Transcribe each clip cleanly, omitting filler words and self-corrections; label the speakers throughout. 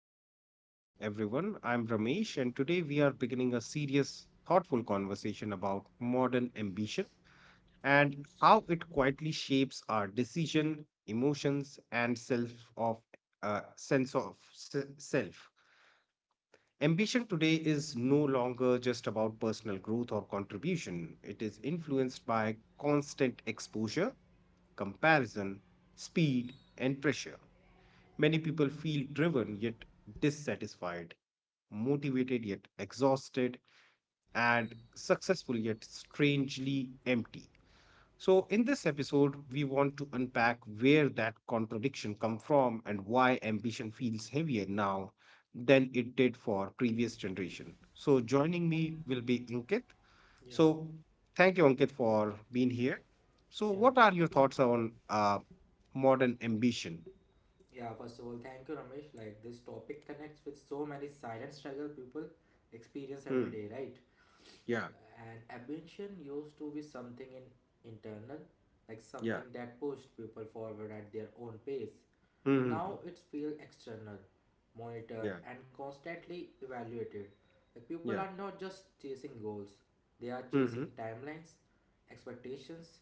Speaker 1: Pod, everyone. I'm Ramesh, and today we are beginning a serious, thoughtful conversation about modern ambition and how it quietly shapes our decision, emotions, and self of sense of self. Ambition today is no longer just about personal growth or contribution. It is influenced by constant exposure, comparison, speed, and pressure. Many people feel driven yet dissatisfied, motivated yet exhausted, and successful yet strangely empty. So, in this episode, we want to unpack where that contradiction comes from and why ambition feels heavier now than it did for previous generation. So, joining me will be Ankit.
Speaker 2: Yeah,
Speaker 1: So, thank you, Ankit, for being here. So,
Speaker 2: yeah,
Speaker 1: what are your thoughts on modern ambition?
Speaker 2: yeah. First of all, thank you, Ramesh. Like this topic connects with so many silent struggle people experience every
Speaker 1: Hmm.
Speaker 2: day, right?
Speaker 1: Yeah,
Speaker 2: And ambition used to be something in internal, like
Speaker 1: yeah.
Speaker 2: something that pushed people forward at their own pace.
Speaker 1: Mm-hmm.
Speaker 2: Now it's feel external, monitored
Speaker 1: Yeah.
Speaker 2: and constantly evaluated. Like people
Speaker 1: Yeah.
Speaker 2: are not just chasing goals; they are
Speaker 1: Mm-hmm.
Speaker 2: chasing timelines, expectations,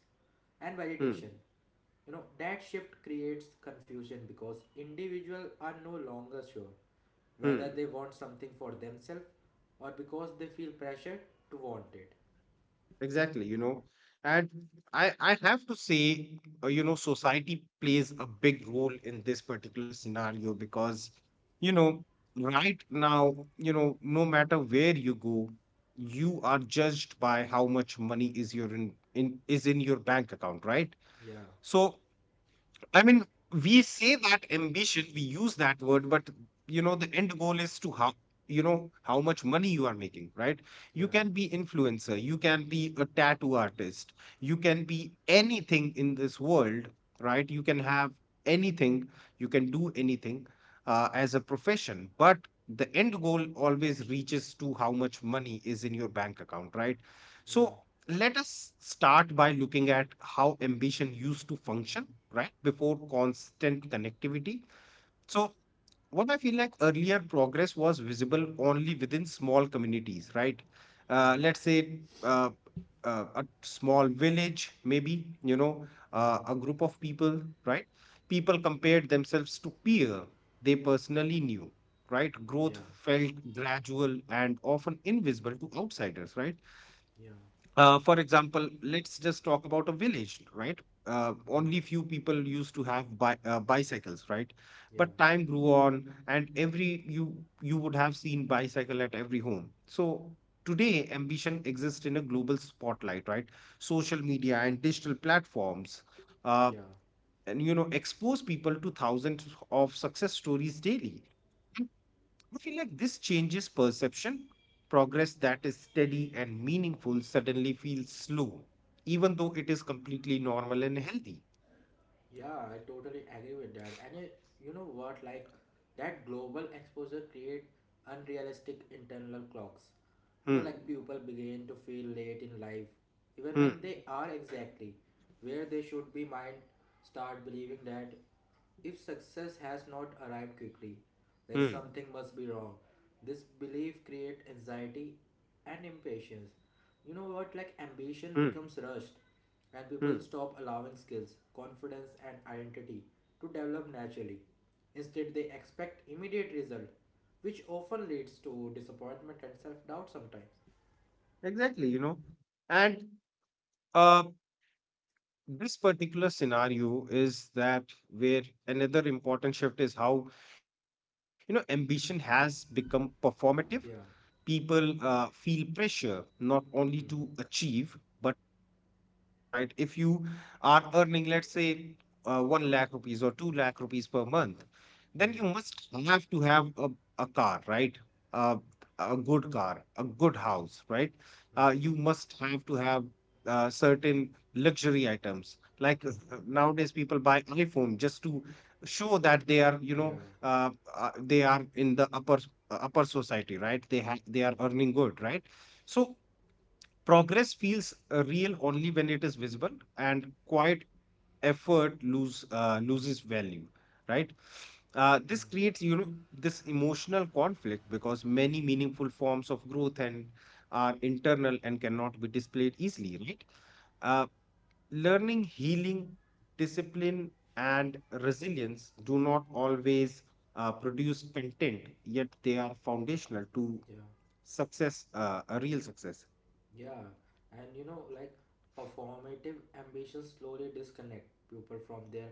Speaker 2: and
Speaker 1: Mm.
Speaker 2: validation. You know, that shift creates confusion because individuals are no longer sure whether
Speaker 1: Mm.
Speaker 2: they want something for themselves or because they feel pressured to want it.
Speaker 1: Exactly. And I have to say, society plays a big role in this particular scenario because, you know, right now, no matter where you go, you are judged by how much money is your in is in your bank account, right?
Speaker 2: Yeah,
Speaker 1: So I mean, we say that ambition, we use that word, but you know, the end goal is to how you know how much money you are making, right? You
Speaker 2: yeah,
Speaker 1: can be influencer, you can be a tattoo artist, you can be anything in this world, right? You can have anything, you can do anything as a profession, but the end goal always reaches to how much money is in your bank account, right?
Speaker 2: yeah,
Speaker 1: So let us start by looking at how ambition used to function right before constant connectivity. So what I feel like, earlier progress was visible only within small communities, right?
Speaker 2: yeah,
Speaker 1: Let's say, a small village, maybe, you know,
Speaker 2: mm,
Speaker 1: a group of people, right? People compared themselves to peer they personally knew, right? Growth
Speaker 2: yeah,
Speaker 1: felt gradual and often invisible to outsiders, right?
Speaker 2: yeah,
Speaker 1: For example, let's just talk about a village, right?
Speaker 2: mm,
Speaker 1: Only few people used to have bicycles, right?
Speaker 2: yeah,
Speaker 1: But time grew on, and every you you would have seen bicycle at every home. So today, ambition exists in a global spotlight, right? Social media and digital platforms, uh,
Speaker 2: yeah.
Speaker 1: and you know, expose people to thousands of success stories daily. I feel like this changes perception. Progress that is steady and meaningful suddenly feels slow, even though it is completely normal and healthy.
Speaker 2: Yeah, I totally agree with that. And you know what, like that global exposure create unrealistic internal clocks. You know, like
Speaker 1: Hmm.
Speaker 2: people begin to feel late in life, even
Speaker 1: Hmm.
Speaker 2: when they are exactly where they should be. Mind start believing that if success has not arrived quickly, like
Speaker 1: Hmm.
Speaker 2: something must be wrong. This belief create anxiety and impatience. You know what, like ambition
Speaker 1: Hmm.
Speaker 2: becomes rushed and
Speaker 1: Hmm.
Speaker 2: people stop allowing skills, confidence, and identity to develop naturally. Instead, they expect immediate result, which often leads to disappointment and self doubt sometimes.
Speaker 1: Exactly, you know. And uh, this particular scenario is that where another important shift is how, you know, ambition has become performative.
Speaker 2: Yeah.
Speaker 1: People feel pressure not only to
Speaker 2: Hmm.
Speaker 1: achieve but to show achievement, right? If you are earning, let's say, 1 lakh rupees or 2 lakh rupees per month, then you
Speaker 2: Hmm.
Speaker 1: must have to have a car, right? uh, a good car, a good
Speaker 2: Hmm.
Speaker 1: house, right?
Speaker 2: Hmm.
Speaker 1: You must have to have certain luxury items, nowadays people buy iphone just to show that they are, you
Speaker 2: Yeah.
Speaker 1: know, uh, they are in the upper upper society, right? They have, they
Speaker 2: Yeah.
Speaker 1: are earning good, right? So progress feels real only when it is visible, and quiet effort loses value, right?
Speaker 2: Hmm.
Speaker 1: This creates, you know, this emotional conflict because many meaningful forms of growth and are internal and cannot be displayed easily, right? uh, learning, healing, discipline, and resilience do not always produce content, yet they are foundational to
Speaker 2: Yeah.
Speaker 1: success, a real success.
Speaker 2: Yeah. And you know, like performative ambitions slowly disconnect people from their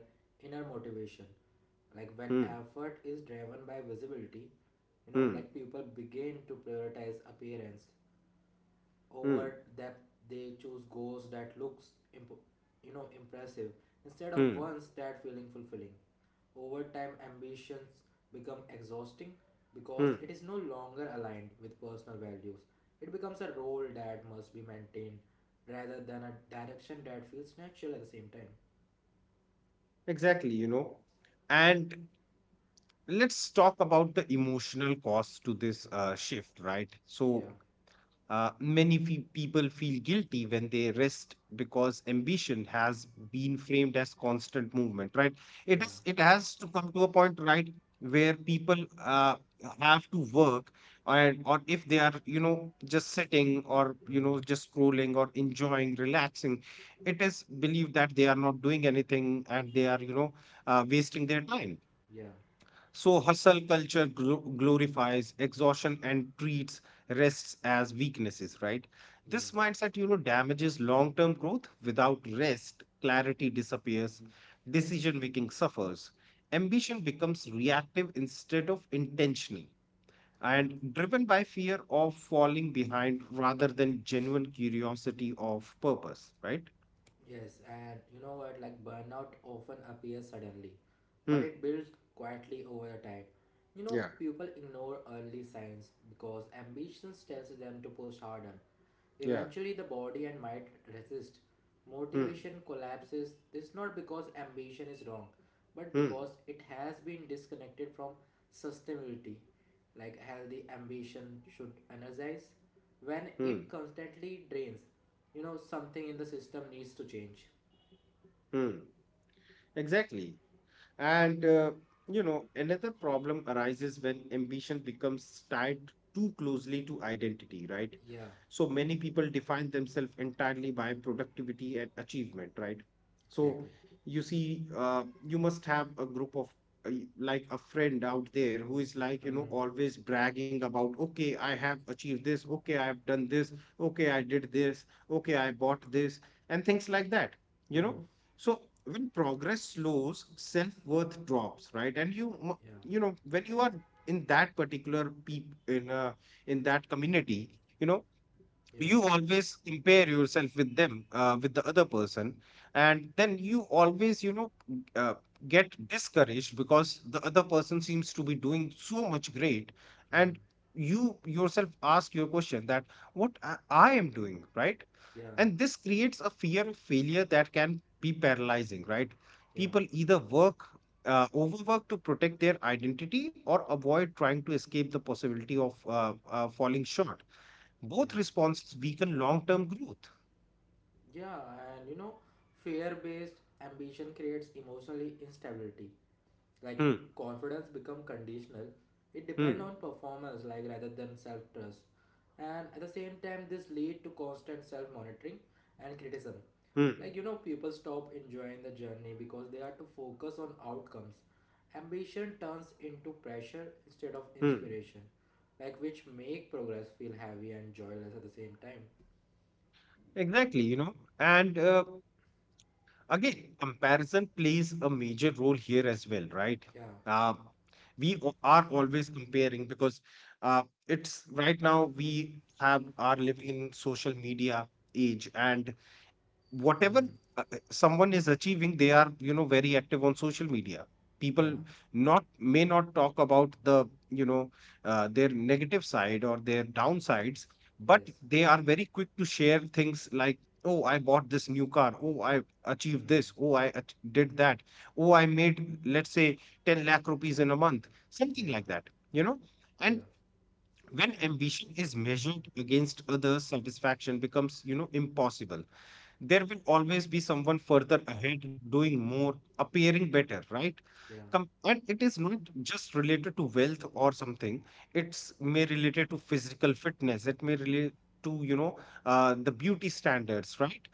Speaker 2: inner motivation. Like when
Speaker 1: Hmm,
Speaker 2: effort is driven by visibility, you know,
Speaker 1: hmm,
Speaker 2: like people begin to prioritize appearance over
Speaker 1: hmm,
Speaker 2: depth. They choose goals that looks impressive instead of
Speaker 1: hmm,
Speaker 2: ones that feeling fulfilling. Over time, ambitions become exhausting because
Speaker 1: hmm.
Speaker 2: it is no longer aligned with personal values. It becomes a role that must be maintained rather than a direction that feels natural at the same time.
Speaker 1: Exactly, you know. And let's talk about the emotional cost to this shift, right? So,
Speaker 2: Yeah,
Speaker 1: uh, many people feel guilty when they rest because ambition has been framed as constant movement, right? It
Speaker 2: yeah,
Speaker 1: is. It has to come to a point, right, where people have to work, and or if they are, you know, just sitting or you
Speaker 2: mm,
Speaker 1: know, just scrolling or enjoying, relaxing, it is believed that they are not doing anything and they are, you know, wasting their time.
Speaker 2: yeah,
Speaker 1: So, hustle culture glorifies exhaustion and treats rests as weaknesses, right?
Speaker 2: yeah,
Speaker 1: This mindset, you know, damages long term growth. Without rest, clarity disappears, decision making suffers, ambition becomes reactive instead of intentional,
Speaker 2: yeah.
Speaker 1: and driven by fear of falling behind rather than genuine curiosity of purpose, right?
Speaker 2: Yes, and you know what, like burnout often appears suddenly, but
Speaker 1: Hmm.
Speaker 2: it builds quietly over the time. You know,
Speaker 1: Yeah.
Speaker 2: people ignore early signs because ambitions tells them to push harder.
Speaker 1: Yeah.
Speaker 2: Eventually, the body and mind resist.
Speaker 1: Hmm.
Speaker 2: Motivation collapses. This not because ambition is wrong, but
Speaker 1: Hmm.
Speaker 2: because it has been disconnected from sustainability. Like healthy ambition should energize. When
Speaker 1: Hmm.
Speaker 2: it constantly drains, you know, something in the system needs to change.
Speaker 1: Hmm. Exactly. And, uh, you know, another problem arises when ambition becomes tied too closely to identity, right?
Speaker 2: Yeah,
Speaker 1: So many people define themselves entirely by productivity and achievement, right? So
Speaker 2: exactly.
Speaker 1: you see, you must have a group of like a friend out there who is like, you know,
Speaker 2: Hmm,
Speaker 1: always bragging about, okay, I have achieved this, okay, I have done this, okay, I did this, okay, I bought this, and things like that. You
Speaker 2: hmm,
Speaker 1: know, so when progress slows, self-worth drops, right? And you
Speaker 2: yeah,
Speaker 1: you know when you are in that particular peep in that community, you know
Speaker 2: yeah,
Speaker 1: you always compare yourself with them, with the other person, and then you always, you know, uh, get discouraged because the other person seems to be doing so much great, and
Speaker 2: hmm,
Speaker 1: you yourself ask your question that I am doing, right?
Speaker 2: yeah,
Speaker 1: And this creates a fear of failure that can be paralyzing, right?
Speaker 2: yeah,
Speaker 1: People either work, overwork to protect their identity, or avoid trying to escape the possibility of falling short. Both
Speaker 2: yeah.
Speaker 1: responses weaken long term growth.
Speaker 2: Yeah, and you know, fear based ambition creates emotionally instability. Like
Speaker 1: Hmm.
Speaker 2: confidence become conditional. It depend
Speaker 1: Hmm.
Speaker 2: on performance, like rather than self trust. And at the same time, this lead to constant self monitoring and criticism.
Speaker 1: Hmm.
Speaker 2: Like you know, people stop enjoying the journey because they are to focus on outcomes. Ambition turns into pressure instead of
Speaker 1: Hmm.
Speaker 2: inspiration, like which make progress feel heavy and joyless at the same time.
Speaker 1: Exactly, you know. And again, comparison plays a major role here as well, right?
Speaker 2: Yeah,
Speaker 1: Uh, are always comparing because it's right now we have are living in social media age, and whatever
Speaker 2: hmm,
Speaker 1: someone is achieving, they are, you know, very active on social media. People
Speaker 2: yeah,
Speaker 1: not may not talk about their negative side or their downsides, but
Speaker 2: yes,
Speaker 1: they are very quick to share things like, oh I bought this new car, oh I achieved this,
Speaker 2: hmm,
Speaker 1: oh I did that, oh I made, let's say, 10 lakh rupees in a month, something
Speaker 2: yeah,
Speaker 1: like that, you know.
Speaker 2: yeah,
Speaker 1: And when ambition is measured against others, satisfaction becomes, you know, impossible. There will always be someone further ahead, doing more, appearing better, right?
Speaker 2: yeah,
Speaker 1: And it is not just related to wealth or something. It's may related to physical fitness. It may relate to, you know, the beauty standards, right?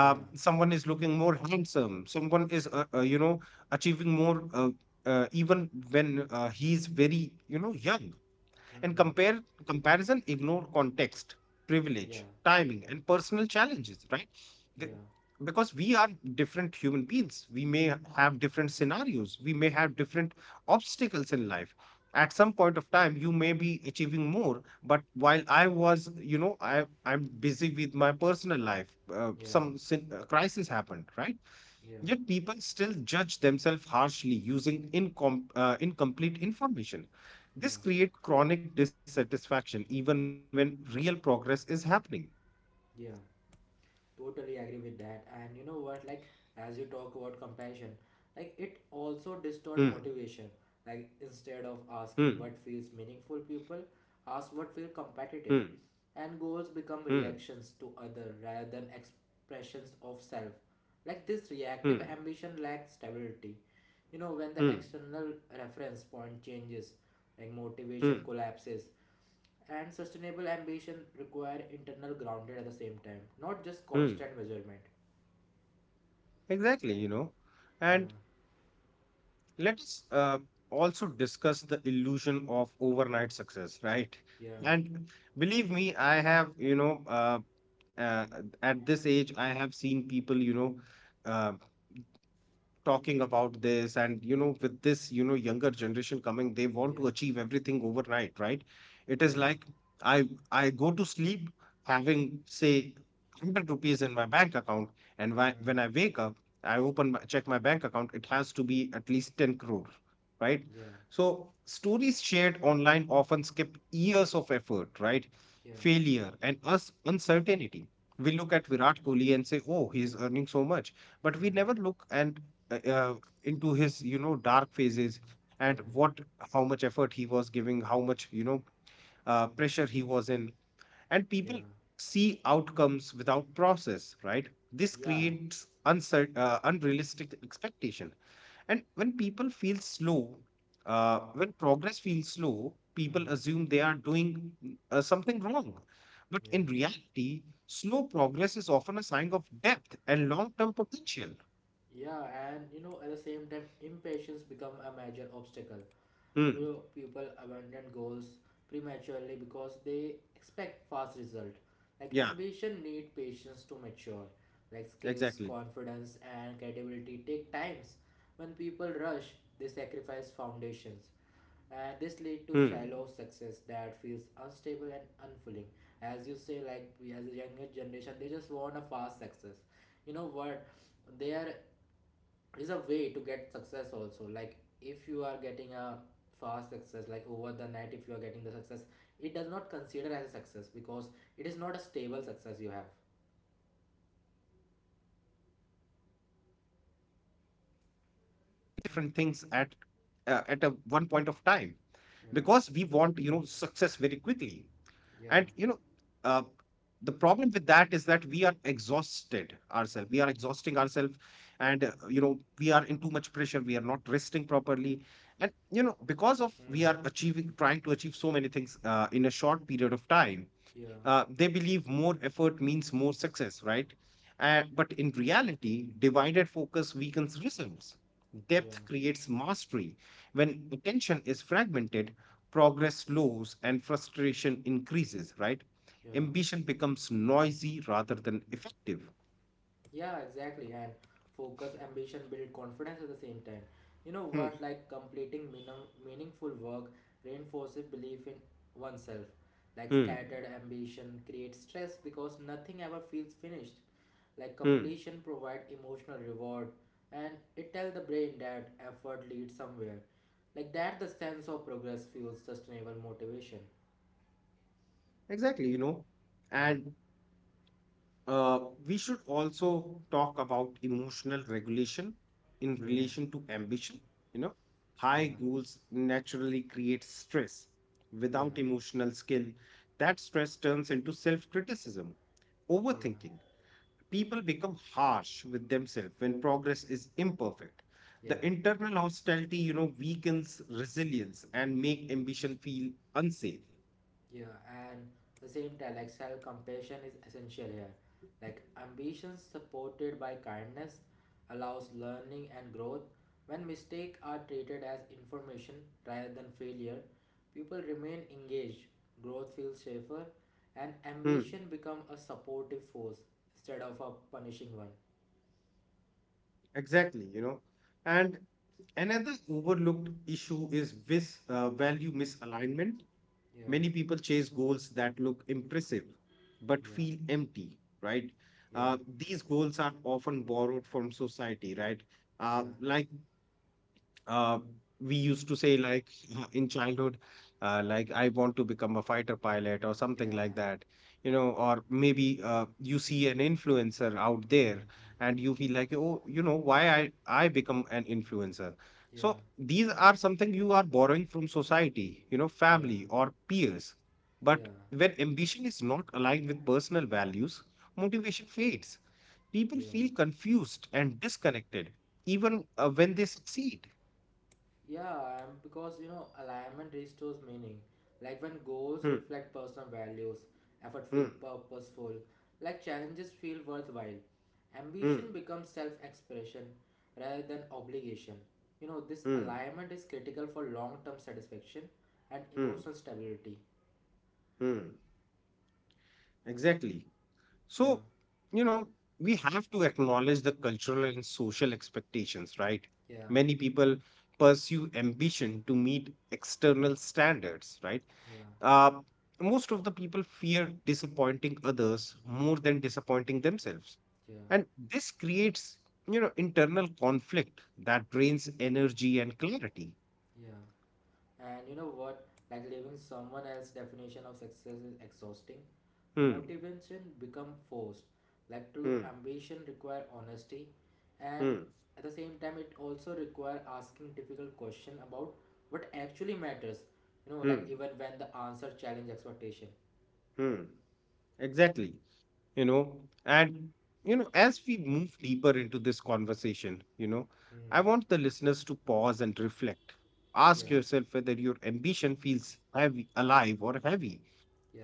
Speaker 2: yeah,
Speaker 1: someone is looking more handsome. Someone is, you know, achieving more. Even when he's very, you know, young. And
Speaker 2: hmm,
Speaker 1: compare comparison ignore context,
Speaker 2: yeah,
Speaker 1: privilege, timing, and personal challenges, right?
Speaker 2: yeah.
Speaker 1: The- because we are different human beings. We may have different scenarios. We may have different obstacles in life. At some point of time, you may be achieving more, but while I was, you know, I'm busy with my personal life.
Speaker 2: Yeah,
Speaker 1: Crisis happened, right?
Speaker 2: yeah,
Speaker 1: Yet people still judge themselves harshly using incomplete information.
Speaker 2: yeah,
Speaker 1: This creates chronic dissatisfaction even when real progress is happening.
Speaker 2: yeah. Totally agree with that. And you know what? Like, as you talk about compassion, like it also
Speaker 1: Hmm,
Speaker 2: distort motivation. Like instead of
Speaker 1: hmm,
Speaker 2: asking what feels meaningful, people ask what feel
Speaker 1: hmm,
Speaker 2: competitive, and goals
Speaker 1: hmm,
Speaker 2: become reactions to other rather than expressions of self. Like this
Speaker 1: hmm,
Speaker 2: reactive ambition lacks stability. You know, when the
Speaker 1: hmm,
Speaker 2: external reference point changes, like motivation
Speaker 1: hmm,
Speaker 2: collapses. And sustainable ambition require internal grounded at the same time, not just
Speaker 1: hmm.
Speaker 2: constant measurement.
Speaker 1: Exactly, you know.
Speaker 2: Yeah,
Speaker 1: And let us also discuss the illusion of overnight success, right?
Speaker 2: yeah,
Speaker 1: And believe me, I have, you know, uh, at this age, I have seen people, you know, uh, talking about this, and you know, with this, you know, younger generation coming, they
Speaker 2: yeah,
Speaker 1: want to achieve everything overnight, right? It
Speaker 2: yeah,
Speaker 1: is like I go to sleep having, say, 100 rupees in my bank account, and
Speaker 2: mm,
Speaker 1: when I wake up, I open my, check my bank account, it has to be at least 10 crore, right?
Speaker 2: yeah,
Speaker 1: So stories shared online often skip years of effort, right?
Speaker 2: yeah,
Speaker 1: Failure and us uncertainty. We look at Virat Kohli and say, oh he's earning so much, but
Speaker 2: yeah,
Speaker 1: we never look and uh, uh, into his, you know, dark phases,
Speaker 2: yeah,
Speaker 1: and
Speaker 2: yeah,
Speaker 1: what how much effort he was giving, how much, you know, pressure he was in. And
Speaker 2: yeah,
Speaker 1: people see outcomes without process, right? This
Speaker 2: yeah,
Speaker 1: creates unrealistic expectation. And when people feel slow, when progress feels slow, people
Speaker 2: mm,
Speaker 1: assume they are doing something wrong, but
Speaker 2: yeah,
Speaker 1: in reality slow progress is often a sign of depth and long-term potential.
Speaker 2: yeah. And you know, at the same time, impatience become a major obstacle. You
Speaker 1: Hmm.
Speaker 2: know, people abandon goals prematurely because they expect fast result. Like
Speaker 1: Yeah,
Speaker 2: ambition need patience to mature. Like skills,
Speaker 1: exactly.
Speaker 2: confidence, and credibility take times. When people rush, they sacrifice foundations, and this lead to
Speaker 1: Hmm.
Speaker 2: shallow success that feels unstable and unfulfilling.
Speaker 1: Exactly.
Speaker 2: As you say, like as the younger generation, they just want a fast success.
Speaker 1: Hmm.
Speaker 2: You know what? They
Speaker 1: And
Speaker 2: are
Speaker 1: you know, another
Speaker 2: is a
Speaker 1: challenge
Speaker 2: way to
Speaker 1: is
Speaker 2: get success also,
Speaker 1: scattered
Speaker 2: like
Speaker 1: ambition,
Speaker 2: if you are
Speaker 1: right?
Speaker 2: getting a
Speaker 1: Uh,
Speaker 2: fast
Speaker 1: you know,
Speaker 2: success, like
Speaker 1: many
Speaker 2: over the
Speaker 1: people
Speaker 2: night if you are
Speaker 1: try to
Speaker 2: getting the success,
Speaker 1: pursue too
Speaker 2: it does
Speaker 1: many
Speaker 2: not
Speaker 1: goals at
Speaker 2: consider as a
Speaker 1: once,
Speaker 2: success
Speaker 1: right?
Speaker 2: because it is not a
Speaker 1: It is
Speaker 2: stable
Speaker 1: like,
Speaker 2: success
Speaker 1: you
Speaker 2: you
Speaker 1: know,
Speaker 2: have.
Speaker 1: an endless race where we are, you know, chasing different things at a one point of time because we want, you know, success very
Speaker 2: Yeah,
Speaker 1: quickly. And you know, uh,
Speaker 2: yeah,
Speaker 1: the problem with that is that we are exhausting ourselves, and we are in too much pressure, we are not resting properly, and you know, because of we are
Speaker 2: hmm.
Speaker 1: achieving trying to achieve so many things in a short period of time,
Speaker 2: Yeah,
Speaker 1: they believe more effort means more success, right? But in reality, divided focus weakens results.
Speaker 2: yeah,
Speaker 1: Depth creates mastery. When attention is fragmented, progress slows and frustration increases, right?
Speaker 2: yeah,
Speaker 1: Ambition becomes noisy rather than effective.
Speaker 2: yeah, exactly. And focus ambition build confidence at the same time. You know
Speaker 1: Hmm.
Speaker 2: what, like completing meaningful work reinforces belief in oneself. Like
Speaker 1: Hmm.
Speaker 2: scattered ambition creates stress because nothing ever feels finished. Like
Speaker 1: Hmm.
Speaker 2: completion provide emotional reward, and it tells the brain that effort leads somewhere. Like that the sense of progress fuels sustainable motivation.
Speaker 1: Exactly, you know.
Speaker 2: Yeah,
Speaker 1: And Uh, we should also talk about emotional regulation in
Speaker 2: yeah,
Speaker 1: relation to ambition. You know, high
Speaker 2: yeah,
Speaker 1: goals naturally create stress.
Speaker 2: yeah,
Speaker 1: Without emotional skill, that stress turns into self criticism, overthinking.
Speaker 2: yeah,
Speaker 1: People become harsh with themselves when progress is imperfect. The
Speaker 2: yeah.
Speaker 1: internal hostility, weakens resilience and make ambition feel unsafe.
Speaker 2: Yeah, and the same time, like self compassion is essential here. Like ambition supported by kindness allows learning and growth. When mistakes are treated as information rather than failure, people remain engaged, growth feels safer, and
Speaker 1: Hmm,
Speaker 2: ambition become a supportive force instead of a punishing one.
Speaker 1: exactly, you know. And another overlooked issue is this value misalignment.
Speaker 2: Yeah,
Speaker 1: Many people chase goals that look impressive but
Speaker 2: yeah,
Speaker 1: feel empty, right?
Speaker 2: yeah,
Speaker 1: These goals are often borrowed from society, right?
Speaker 2: yeah,
Speaker 1: Like, uh, we used to say like in childhood, like I want to become a fighter pilot or something
Speaker 2: yeah,
Speaker 1: like that. You know, or maybe you see an influencer out there
Speaker 2: mm,
Speaker 1: and you feel like, oh, you know, why I become an influencer?
Speaker 2: yeah,
Speaker 1: So these are something you are borrowing from society, you know,
Speaker 2: yeah,
Speaker 1: family or peers. But
Speaker 2: yeah,
Speaker 1: when ambition is not aligned with personal values, motivation fades, people
Speaker 2: yeah.
Speaker 1: feel confused and disconnected even when they succeed.
Speaker 2: Yeah, because you know, alignment restores meaning. Like when goals
Speaker 1: Hmm.
Speaker 2: reflect personal values, effort feel
Speaker 1: Hmm.
Speaker 2: purposeful, like challenges feel worthwhile.
Speaker 1: Hmm.
Speaker 2: Ambition becomes self-expression rather than obligation. You know, this
Speaker 1: Hmm.
Speaker 2: alignment is critical for long-term satisfaction and
Speaker 1: Hmm.
Speaker 2: emotional stability.
Speaker 1: Hmm. Exactly.
Speaker 2: Yeah,
Speaker 1: So, you know, we have to acknowledge the cultural and social expectations, right?
Speaker 2: yeah,
Speaker 1: Many people pursue ambition to meet external standards, right?
Speaker 2: yeah,
Speaker 1: Uh, Most of the people fear disappointing others more than disappointing themselves.
Speaker 2: yeah,
Speaker 1: And this creates, you know, internal conflict that drains energy and clarity.
Speaker 2: yeah. And you know what? Like living someone else's definition of success is exhausting.
Speaker 1: Hmm.
Speaker 2: Motivation become forced, like true
Speaker 1: Hmm.
Speaker 2: ambition require honesty. And
Speaker 1: Hmm.
Speaker 2: at the same time, it also require asking difficult question about what actually matters. You know,
Speaker 1: Hmm.
Speaker 2: like even when the answer challenge expectation.
Speaker 1: Hmm. Exactly. You know, and, you know, as we move deeper into this conversation, you know,
Speaker 2: Hmm.
Speaker 1: I want the listeners to pause and reflect.
Speaker 2: Yeah,
Speaker 1: Ask yourself whether your ambition feels heavy, alive or heavy.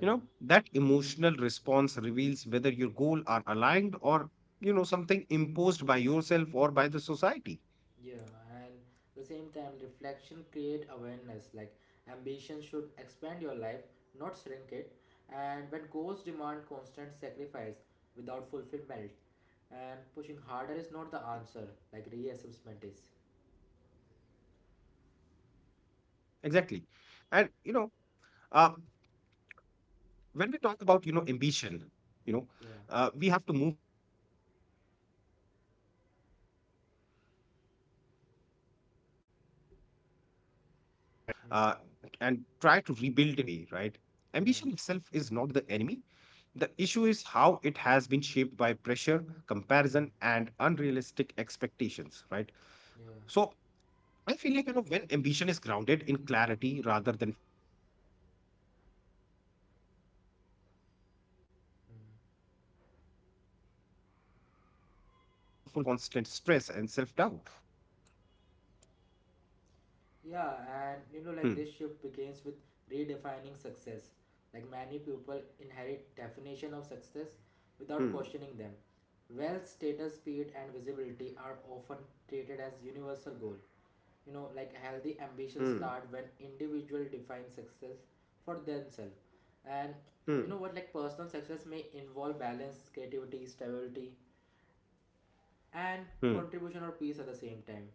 Speaker 1: You know, that emotional response reveals whether your goal are aligned or, you know, something imposed by yourself or by the society.
Speaker 2: yeah. And at the same time reflection create awareness. Like ambition should expand your life, not shrink
Speaker 1: Hmm.
Speaker 2: it. And when goals demand constant sacrifice
Speaker 1: Hmm.
Speaker 2: without fulfillment, and pushing harder is not the answer, like reassessment is.
Speaker 1: Exactly. And, you know, uh, when we talk about, you know, ambition, you know, we
Speaker 2: Yeah.
Speaker 1: have to move from understanding the problem around, you know, uh, and try to rebuild into a healthier, more sustainable way,
Speaker 2: Mm.
Speaker 1: right? Ambition itself is not the enemy.
Speaker 2: Yeah.
Speaker 1: The issue is how it has been shaped by pressure, comparison and
Speaker 2: Mm.
Speaker 1: unrealistic expectations, right? So
Speaker 2: Yeah.
Speaker 1: I feel like, you know, when ambition is grounded in clarity rather than fear, it becomes a powerful force for growth instead of a
Speaker 2: Mm.
Speaker 1: source of constant stress and self doubt. Hmm,
Speaker 2: Yeah, and you know, like this shift begins with redefining success. Like many people inherit definition of success
Speaker 1: hmm,
Speaker 2: without questioning them. Wealth, status, speed, and visibility are often treated as universal goal. You know, like
Speaker 1: hmm,
Speaker 2: healthy ambitions start when individual define success for themselves. And
Speaker 1: hmm,
Speaker 2: you know what, like personal success may involve balance, creativity, stability, and
Speaker 1: hmm,
Speaker 2: contribution or peace at the same time.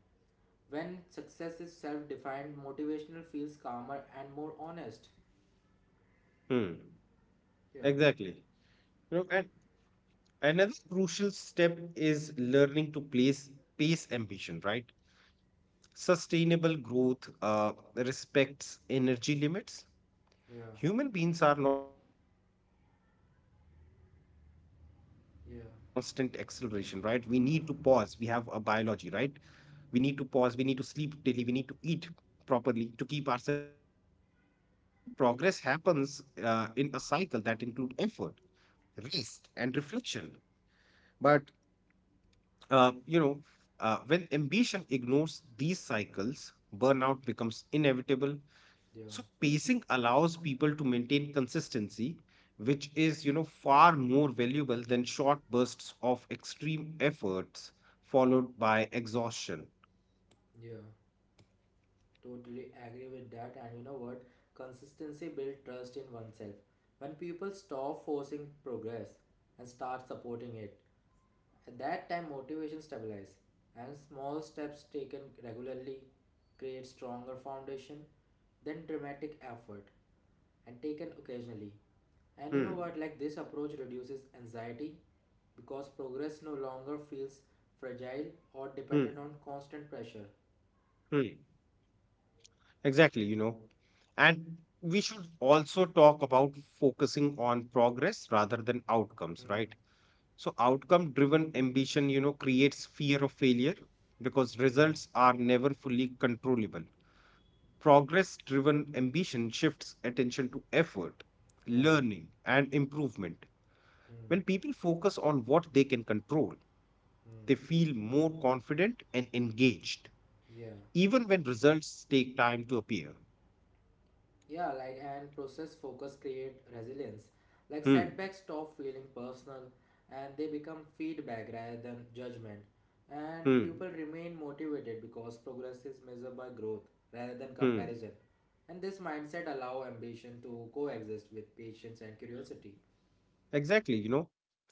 Speaker 2: When success is self-defined, motivational feels calmer and more honest.
Speaker 1: hmm.
Speaker 2: Yeah,
Speaker 1: Exactly. You know, and another crucial step is learning to place pace ambition, right? Sustainable growth respects energy limits.
Speaker 2: yeah,
Speaker 1: Human beings are not designed for constant acceleration, right? We need to pause,
Speaker 2: yeah,
Speaker 1: we have a biology, right? We need to pause, we need to sleep daily, we need to eat properly to keep ourselves healthy. You know, progress happens in a cycle that include effort, rest and reflection. But uh, you know uh, when ambition ignores these cycles, burnout becomes inevitable.
Speaker 2: yeah,
Speaker 1: So pacing allows people to maintain consistency, which is, you know, far more valuable than short bursts of extreme efforts followed by exhaustion.
Speaker 2: yeah. Totally agree with that. And you know what, consistency builds trust in oneself when people stop forcing progress and start supporting it. At that time, motivation stabilizes, and small steps taken regularly create stronger foundation than dramatic effort and taken occasionally. And you
Speaker 1: Hmm.
Speaker 2: know what? Like this approach reduces anxiety because progress no longer feels fragile or
Speaker 1: Hmm.
Speaker 2: dependent on constant pressure.
Speaker 1: Hmm. Exactly, you know. And we should also talk about focusing on progress rather than outcomes,
Speaker 2: Hmm.
Speaker 1: right? So outcome driven ambition, you know, creates fear of failure because
Speaker 2: Yeah.
Speaker 1: results are never fully controllable. Progress driven ambition shifts attention to effort,
Speaker 2: Yeah.
Speaker 1: learning, and improvement.
Speaker 2: Hmm.
Speaker 1: When people focus on what they can control,
Speaker 2: Hmm.
Speaker 1: they feel more confident and engaged,
Speaker 2: Yeah.
Speaker 1: even when results take time to appear.
Speaker 2: Yeah, like and process focus create resilience. Like
Speaker 1: Hmm,
Speaker 2: setbacks stop feeling personal and they become feedback rather than judgment. And
Speaker 1: hmm,
Speaker 2: people remain motivated because progress is measured by growth rather than
Speaker 1: hmm.
Speaker 2: comparison. And this mindset allow ambition to coexist with patience and curiosity.
Speaker 1: Exactly, you know.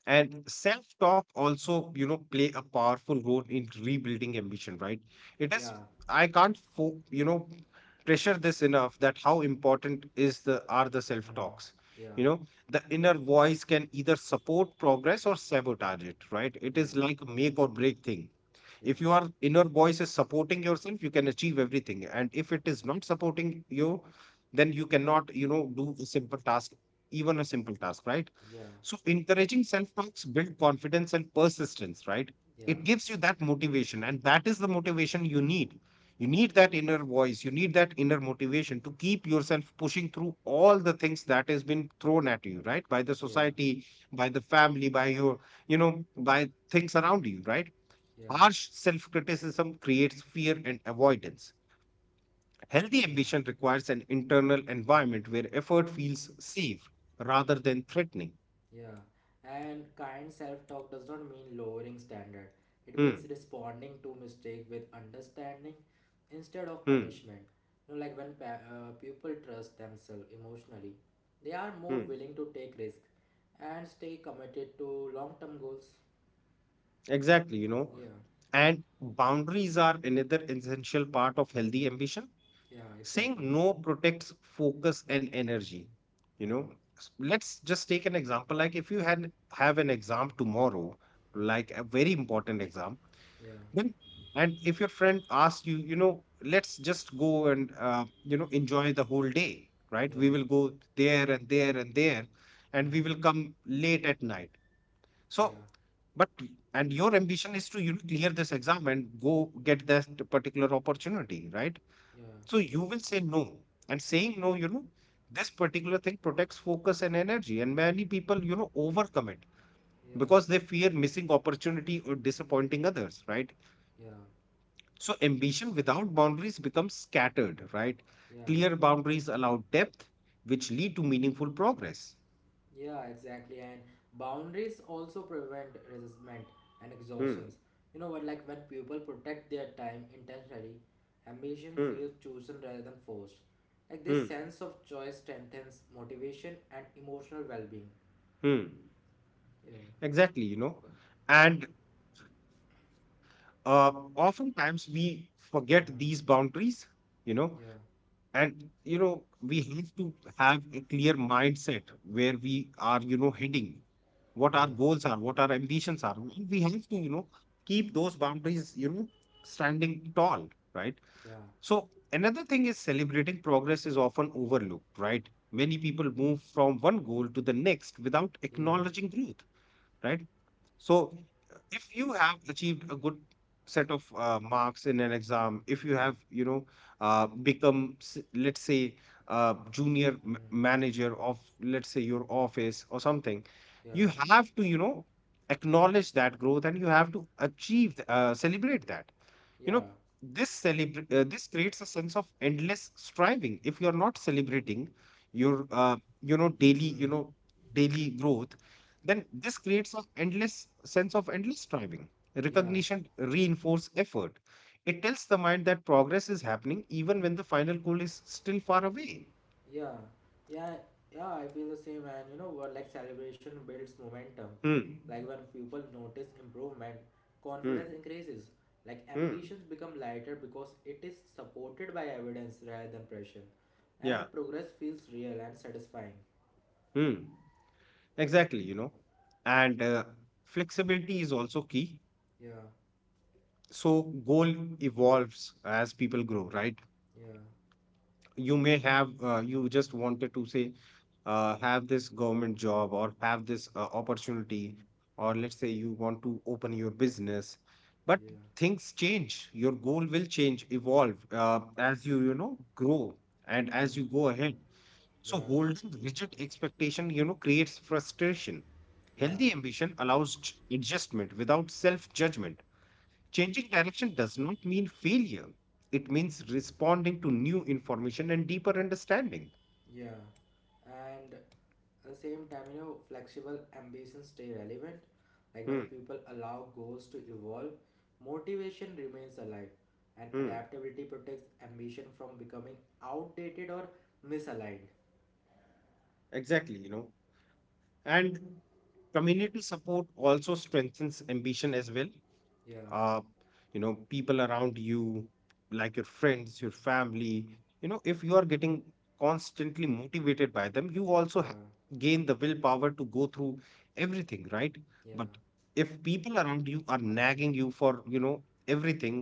Speaker 1: And self-talk also, you know, play a powerful role in rebuilding ambition, right? It is,
Speaker 2: Yeah.
Speaker 1: I can't, you know, pressure this enough that how important is the are the
Speaker 2: Mm.
Speaker 1: self-talks.
Speaker 2: Yeah.
Speaker 1: You know, the inner voice can either support progress or sabotage it, right? It
Speaker 2: Yeah.
Speaker 1: is like a make or break thing.
Speaker 2: Yeah.
Speaker 1: If your inner voice is supporting yourself, you can achieve everything. And if it is not supporting you, then you cannot, you know, do a simple task, even a simple task, right?
Speaker 2: Yeah.
Speaker 1: So encouraging self-talks build confidence and persistence, right?
Speaker 2: Yeah.
Speaker 1: It gives you that motivation, and that is the motivation you need. You need that inner voice, you need that inner motivation to keep yourself pushing through all the things that has been thrown at you, right? By the
Speaker 2: Yeah.
Speaker 1: society, by the family, by your, you know, by things around you, right?
Speaker 2: Yeah.
Speaker 1: Harsh self-criticism creates fear and avoidance. Healthy
Speaker 2: Yeah.
Speaker 1: ambition requires an internal environment where effort feels safe rather than threatening.
Speaker 2: Yeah, and kind self-talk does not mean lowering standard. It
Speaker 1: Hmm.
Speaker 2: means responding to mistake with understanding instead
Speaker 1: Hmm.
Speaker 2: of punishment. You know, like when people trust themselves emotionally, they are
Speaker 1: Hmm.
Speaker 2: more willing to take risk and stay committed to long-term goals.
Speaker 1: Exactly, you know.
Speaker 2: Yeah,
Speaker 1: And boundaries are another essential part of healthy ambition.
Speaker 2: yeah,
Speaker 1: Saying
Speaker 2: exactly.
Speaker 1: no protects focus and energy. You
Speaker 2: Mm,
Speaker 1: know, let's just take an example. Like if you had have an exam tomorrow, like
Speaker 2: mm,
Speaker 1: a very important exam,
Speaker 2: yeah,
Speaker 1: then and if your friend asks you, you know, let's just go and, you know, enjoy the whole day, right?
Speaker 2: yeah,
Speaker 1: We will go there and there and there, and we will
Speaker 2: mm,
Speaker 1: come late at night.
Speaker 2: yeah,
Speaker 1: So, but and your ambition is to, you know, clear this exam and go get that particular opportunity, right?
Speaker 2: yeah,
Speaker 1: So you will say no, and saying no, you know, this particular thing protects focus and energy, and many people, you know, overcommit
Speaker 2: yeah,
Speaker 1: because they fear missing opportunity or disappointing others, right?
Speaker 2: yeah,
Speaker 1: So ambition without boundaries becomes scattered, right?
Speaker 2: yeah.
Speaker 1: Clear boundaries allow depth, which lead to meaningful progress.
Speaker 2: Yeah, exactly. And boundaries also prevent resentment and
Speaker 1: Hmm,
Speaker 2: exhaustions. You know what, like when people protect their time intentionally, ambition
Speaker 1: hmm,
Speaker 2: feels chosen rather than forced. Like this
Speaker 1: hmm,
Speaker 2: sense of choice strengthens motivation and emotional well being.
Speaker 1: hmm.
Speaker 2: Yeah.
Speaker 1: Exactly, you know. And oftentimes we forget
Speaker 2: Mm.
Speaker 1: these boundaries, you know.
Speaker 2: Yeah.
Speaker 1: And you know, we have to have a clear mindset where we are, you know, heading, what our
Speaker 2: Yeah.
Speaker 1: goals are, what our ambitions are, and we have to, you know, keep those boundaries, you know, standing tall, right?
Speaker 2: Yeah.
Speaker 1: So another thing is celebrating progress is often overlooked, right? Many people move from one goal to the next without
Speaker 2: Yeah.
Speaker 1: acknowledging growth, right? So, if you have achieved a good set of marks in an exam, if you
Speaker 2: Yeah.
Speaker 1: have, you know, become, let's say, a junior
Speaker 2: Hmm.
Speaker 1: manager of, let's say, your office or something,
Speaker 2: Yeah.
Speaker 1: you have to, you know, acknowledge that growth and you have to celebrate that. You know,
Speaker 2: Yeah.
Speaker 1: this creates a sense of endless striving. If you are not celebrating your, you
Speaker 2: Hmm.
Speaker 1: know, daily growth, then this creates an endless sense of endless striving.
Speaker 2: Yeah.
Speaker 1: Recognition reinforce effort. It tells the mind that progress is happening even when the final goal is still far away.
Speaker 2: Yeah, yeah, yeah, I feel the same. And you know what? Like celebration builds momentum.
Speaker 1: Hmm.
Speaker 2: Like when people notice improvement,
Speaker 1: Hmm.
Speaker 2: confidence increases. Like
Speaker 1: Hmm.
Speaker 2: ambitions become lighter because it is supported by evidence rather than pressure.
Speaker 1: Yeah.
Speaker 2: And progress feels real and satisfying.
Speaker 1: Hmm. Exactly, you know. And flexibility is also key.
Speaker 2: Yeah,
Speaker 1: So goal evolves as people grow, right?
Speaker 2: yeah,
Speaker 1: You may have, you just wanted to say, have this government job or have this opportunity, or
Speaker 2: hmm,
Speaker 1: let's say you want to open your business, but
Speaker 2: yeah,
Speaker 1: things change. Your goal will change evolve as you, you know, grow and
Speaker 2: hmm,
Speaker 1: as you go ahead. So
Speaker 2: yeah,
Speaker 1: holding rigid expectation, you know, creates frustration.
Speaker 2: yeah,
Speaker 1: Healthy ambition allows adjustment without self judgment. Changing direction does not mean failure. It means responding to new information and deeper understanding.
Speaker 2: yeah. And at the same time, you know, flexible ambitions stay relevant. Like when
Speaker 1: Hmm.
Speaker 2: people allow goals to evolve, motivation remains alive, and
Speaker 1: Hmm.
Speaker 2: adaptability protects ambition from becoming outdated or misaligned.
Speaker 1: Exactly. You know. And community support also strengthens ambition as well.
Speaker 2: Yeah,
Speaker 1: uh, you know, people around you, like your friends, your family, you know, if you are getting constantly motivated by them, you also
Speaker 2: yeah,
Speaker 1: gain the willpower to go through everything, right?
Speaker 2: yeah,
Speaker 1: But if people around you are nagging you for, you know, everything,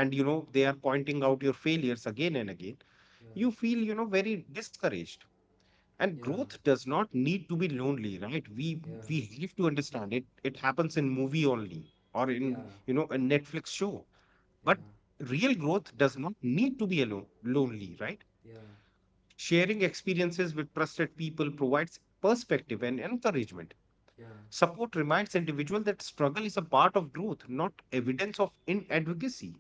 Speaker 1: and you know, they are pointing out your failures again and again,
Speaker 2: yeah,
Speaker 1: you feel, you know, very discouraged. And
Speaker 2: yeah,
Speaker 1: growth does not need to be lonely, right? we
Speaker 2: yeah,
Speaker 1: we have to understand it, it happens in movie only or
Speaker 2: yeah,
Speaker 1: in, you know, a Netflix show. But
Speaker 2: yeah,
Speaker 1: real growth does not need to be alone lonely, right?
Speaker 2: yeah,
Speaker 1: Sharing experiences with trusted people provides perspective and encouragement.
Speaker 2: yeah.
Speaker 1: Support reminds individual that struggle is a part of growth, not evidence of inadvocacy.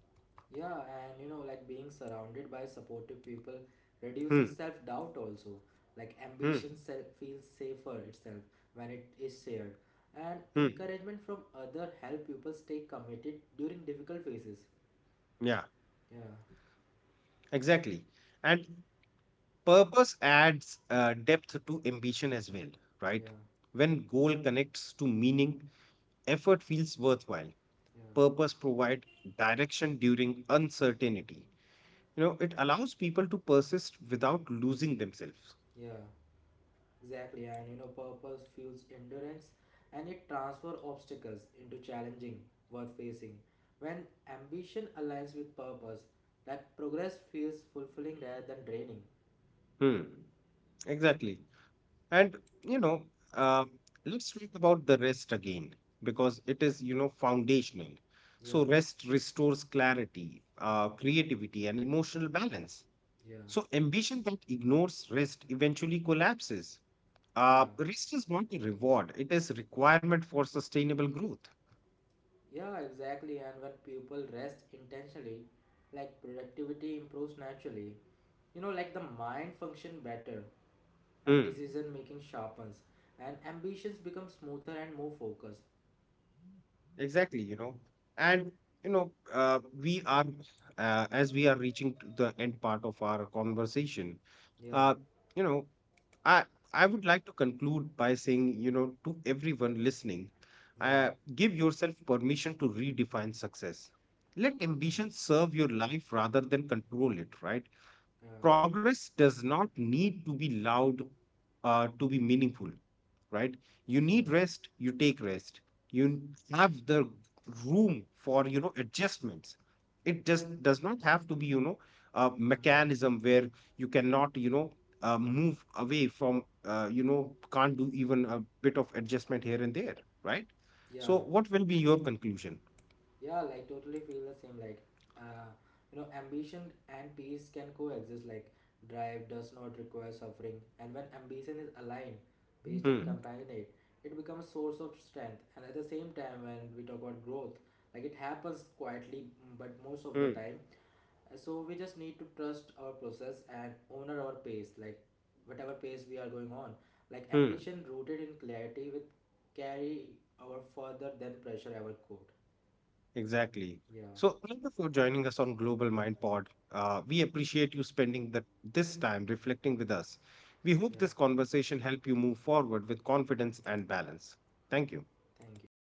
Speaker 2: Yeah, and you know, like being surrounded by supportive people reduces
Speaker 1: Hmm,
Speaker 2: self doubt also. Like
Speaker 1: hmm,
Speaker 2: ambition self feels safer itself when it is shared. And
Speaker 1: hmm,
Speaker 2: encouragement from other help people stay committed during difficult phases.
Speaker 1: yeah,
Speaker 2: Yeah,
Speaker 1: exactly. And purpose adds depth to ambition as well, right?
Speaker 2: yeah,
Speaker 1: When goal connects to meaning, effort feels worthwhile.
Speaker 2: yeah,
Speaker 1: Purpose provides direction during uncertainty. You know, it allows people to persist without losing themselves.
Speaker 2: yeah. Exactly. And you know, purpose fuels endurance, and it transfer obstacles into challenging worth facing. When ambition aligns with purpose, that progress feels fulfilling rather than draining.
Speaker 1: Hmm. Exactly. And, you know, uh, let's talk about the rest again because it is, you know, foundational.
Speaker 2: Yeah.
Speaker 1: So, rest restores clarity, creativity, and emotional balance.
Speaker 2: Yeah,
Speaker 1: So ambition that ignores rest eventually collapses.
Speaker 2: yeah,
Speaker 1: Rest is not a reward; it is a requirement for sustainable growth.
Speaker 2: yeah, exactly. And when people rest intentionally, like productivity improves naturally. You know, like the mind function better and
Speaker 1: Mm.
Speaker 2: decision making sharpens, and ambitions become smoother and more focused.
Speaker 1: Exactly, you know, and you know, we are as we are reaching to the end part of our conversation.
Speaker 2: Yeah,
Speaker 1: Uh, you know, I I would like to conclude by saying, you know, to everyone listening,
Speaker 2: yeah,
Speaker 1: give yourself permission to redefine success. Let
Speaker 2: yeah,
Speaker 1: ambition serve your life rather than control it, right?
Speaker 2: yeah,
Speaker 1: Progress does not need to be loud to be meaningful, right? You
Speaker 2: yeah,
Speaker 1: need rest, you take rest, you have the room for, you know, adjustments. It just does not have to be, you know, a
Speaker 2: mm,
Speaker 1: mechanism where you cannot, you know, move away from, you know, can't do even a bit of adjustment here and there, right?
Speaker 2: yeah.
Speaker 1: So what will be your conclusion?
Speaker 2: Yeah, like totally feel the same. Like, uh, you know, ambition and peace can coexist. Like, drive does not require suffering, and when ambition is aligned, peace and
Speaker 1: Hmm,
Speaker 2: companionate, it becomes a source of strength. And at the same time, when we talk about growth, like it happens quietly, but most of the
Speaker 1: hmm,
Speaker 2: time. So we just need to trust our process and honor our pace. Like, whatever pace we are going on, like
Speaker 1: hmm.
Speaker 2: ambition rooted in clarity, with carry our further than pressure ever could.
Speaker 1: Exactly.
Speaker 2: Yeah.
Speaker 1: So, thank you for joining us on Global Mind Pod. We appreciate you spending this time reflecting with us. We hope
Speaker 2: Yeah,
Speaker 1: this conversation helped you move forward with confidence and balance. Thank you.
Speaker 2: thank you.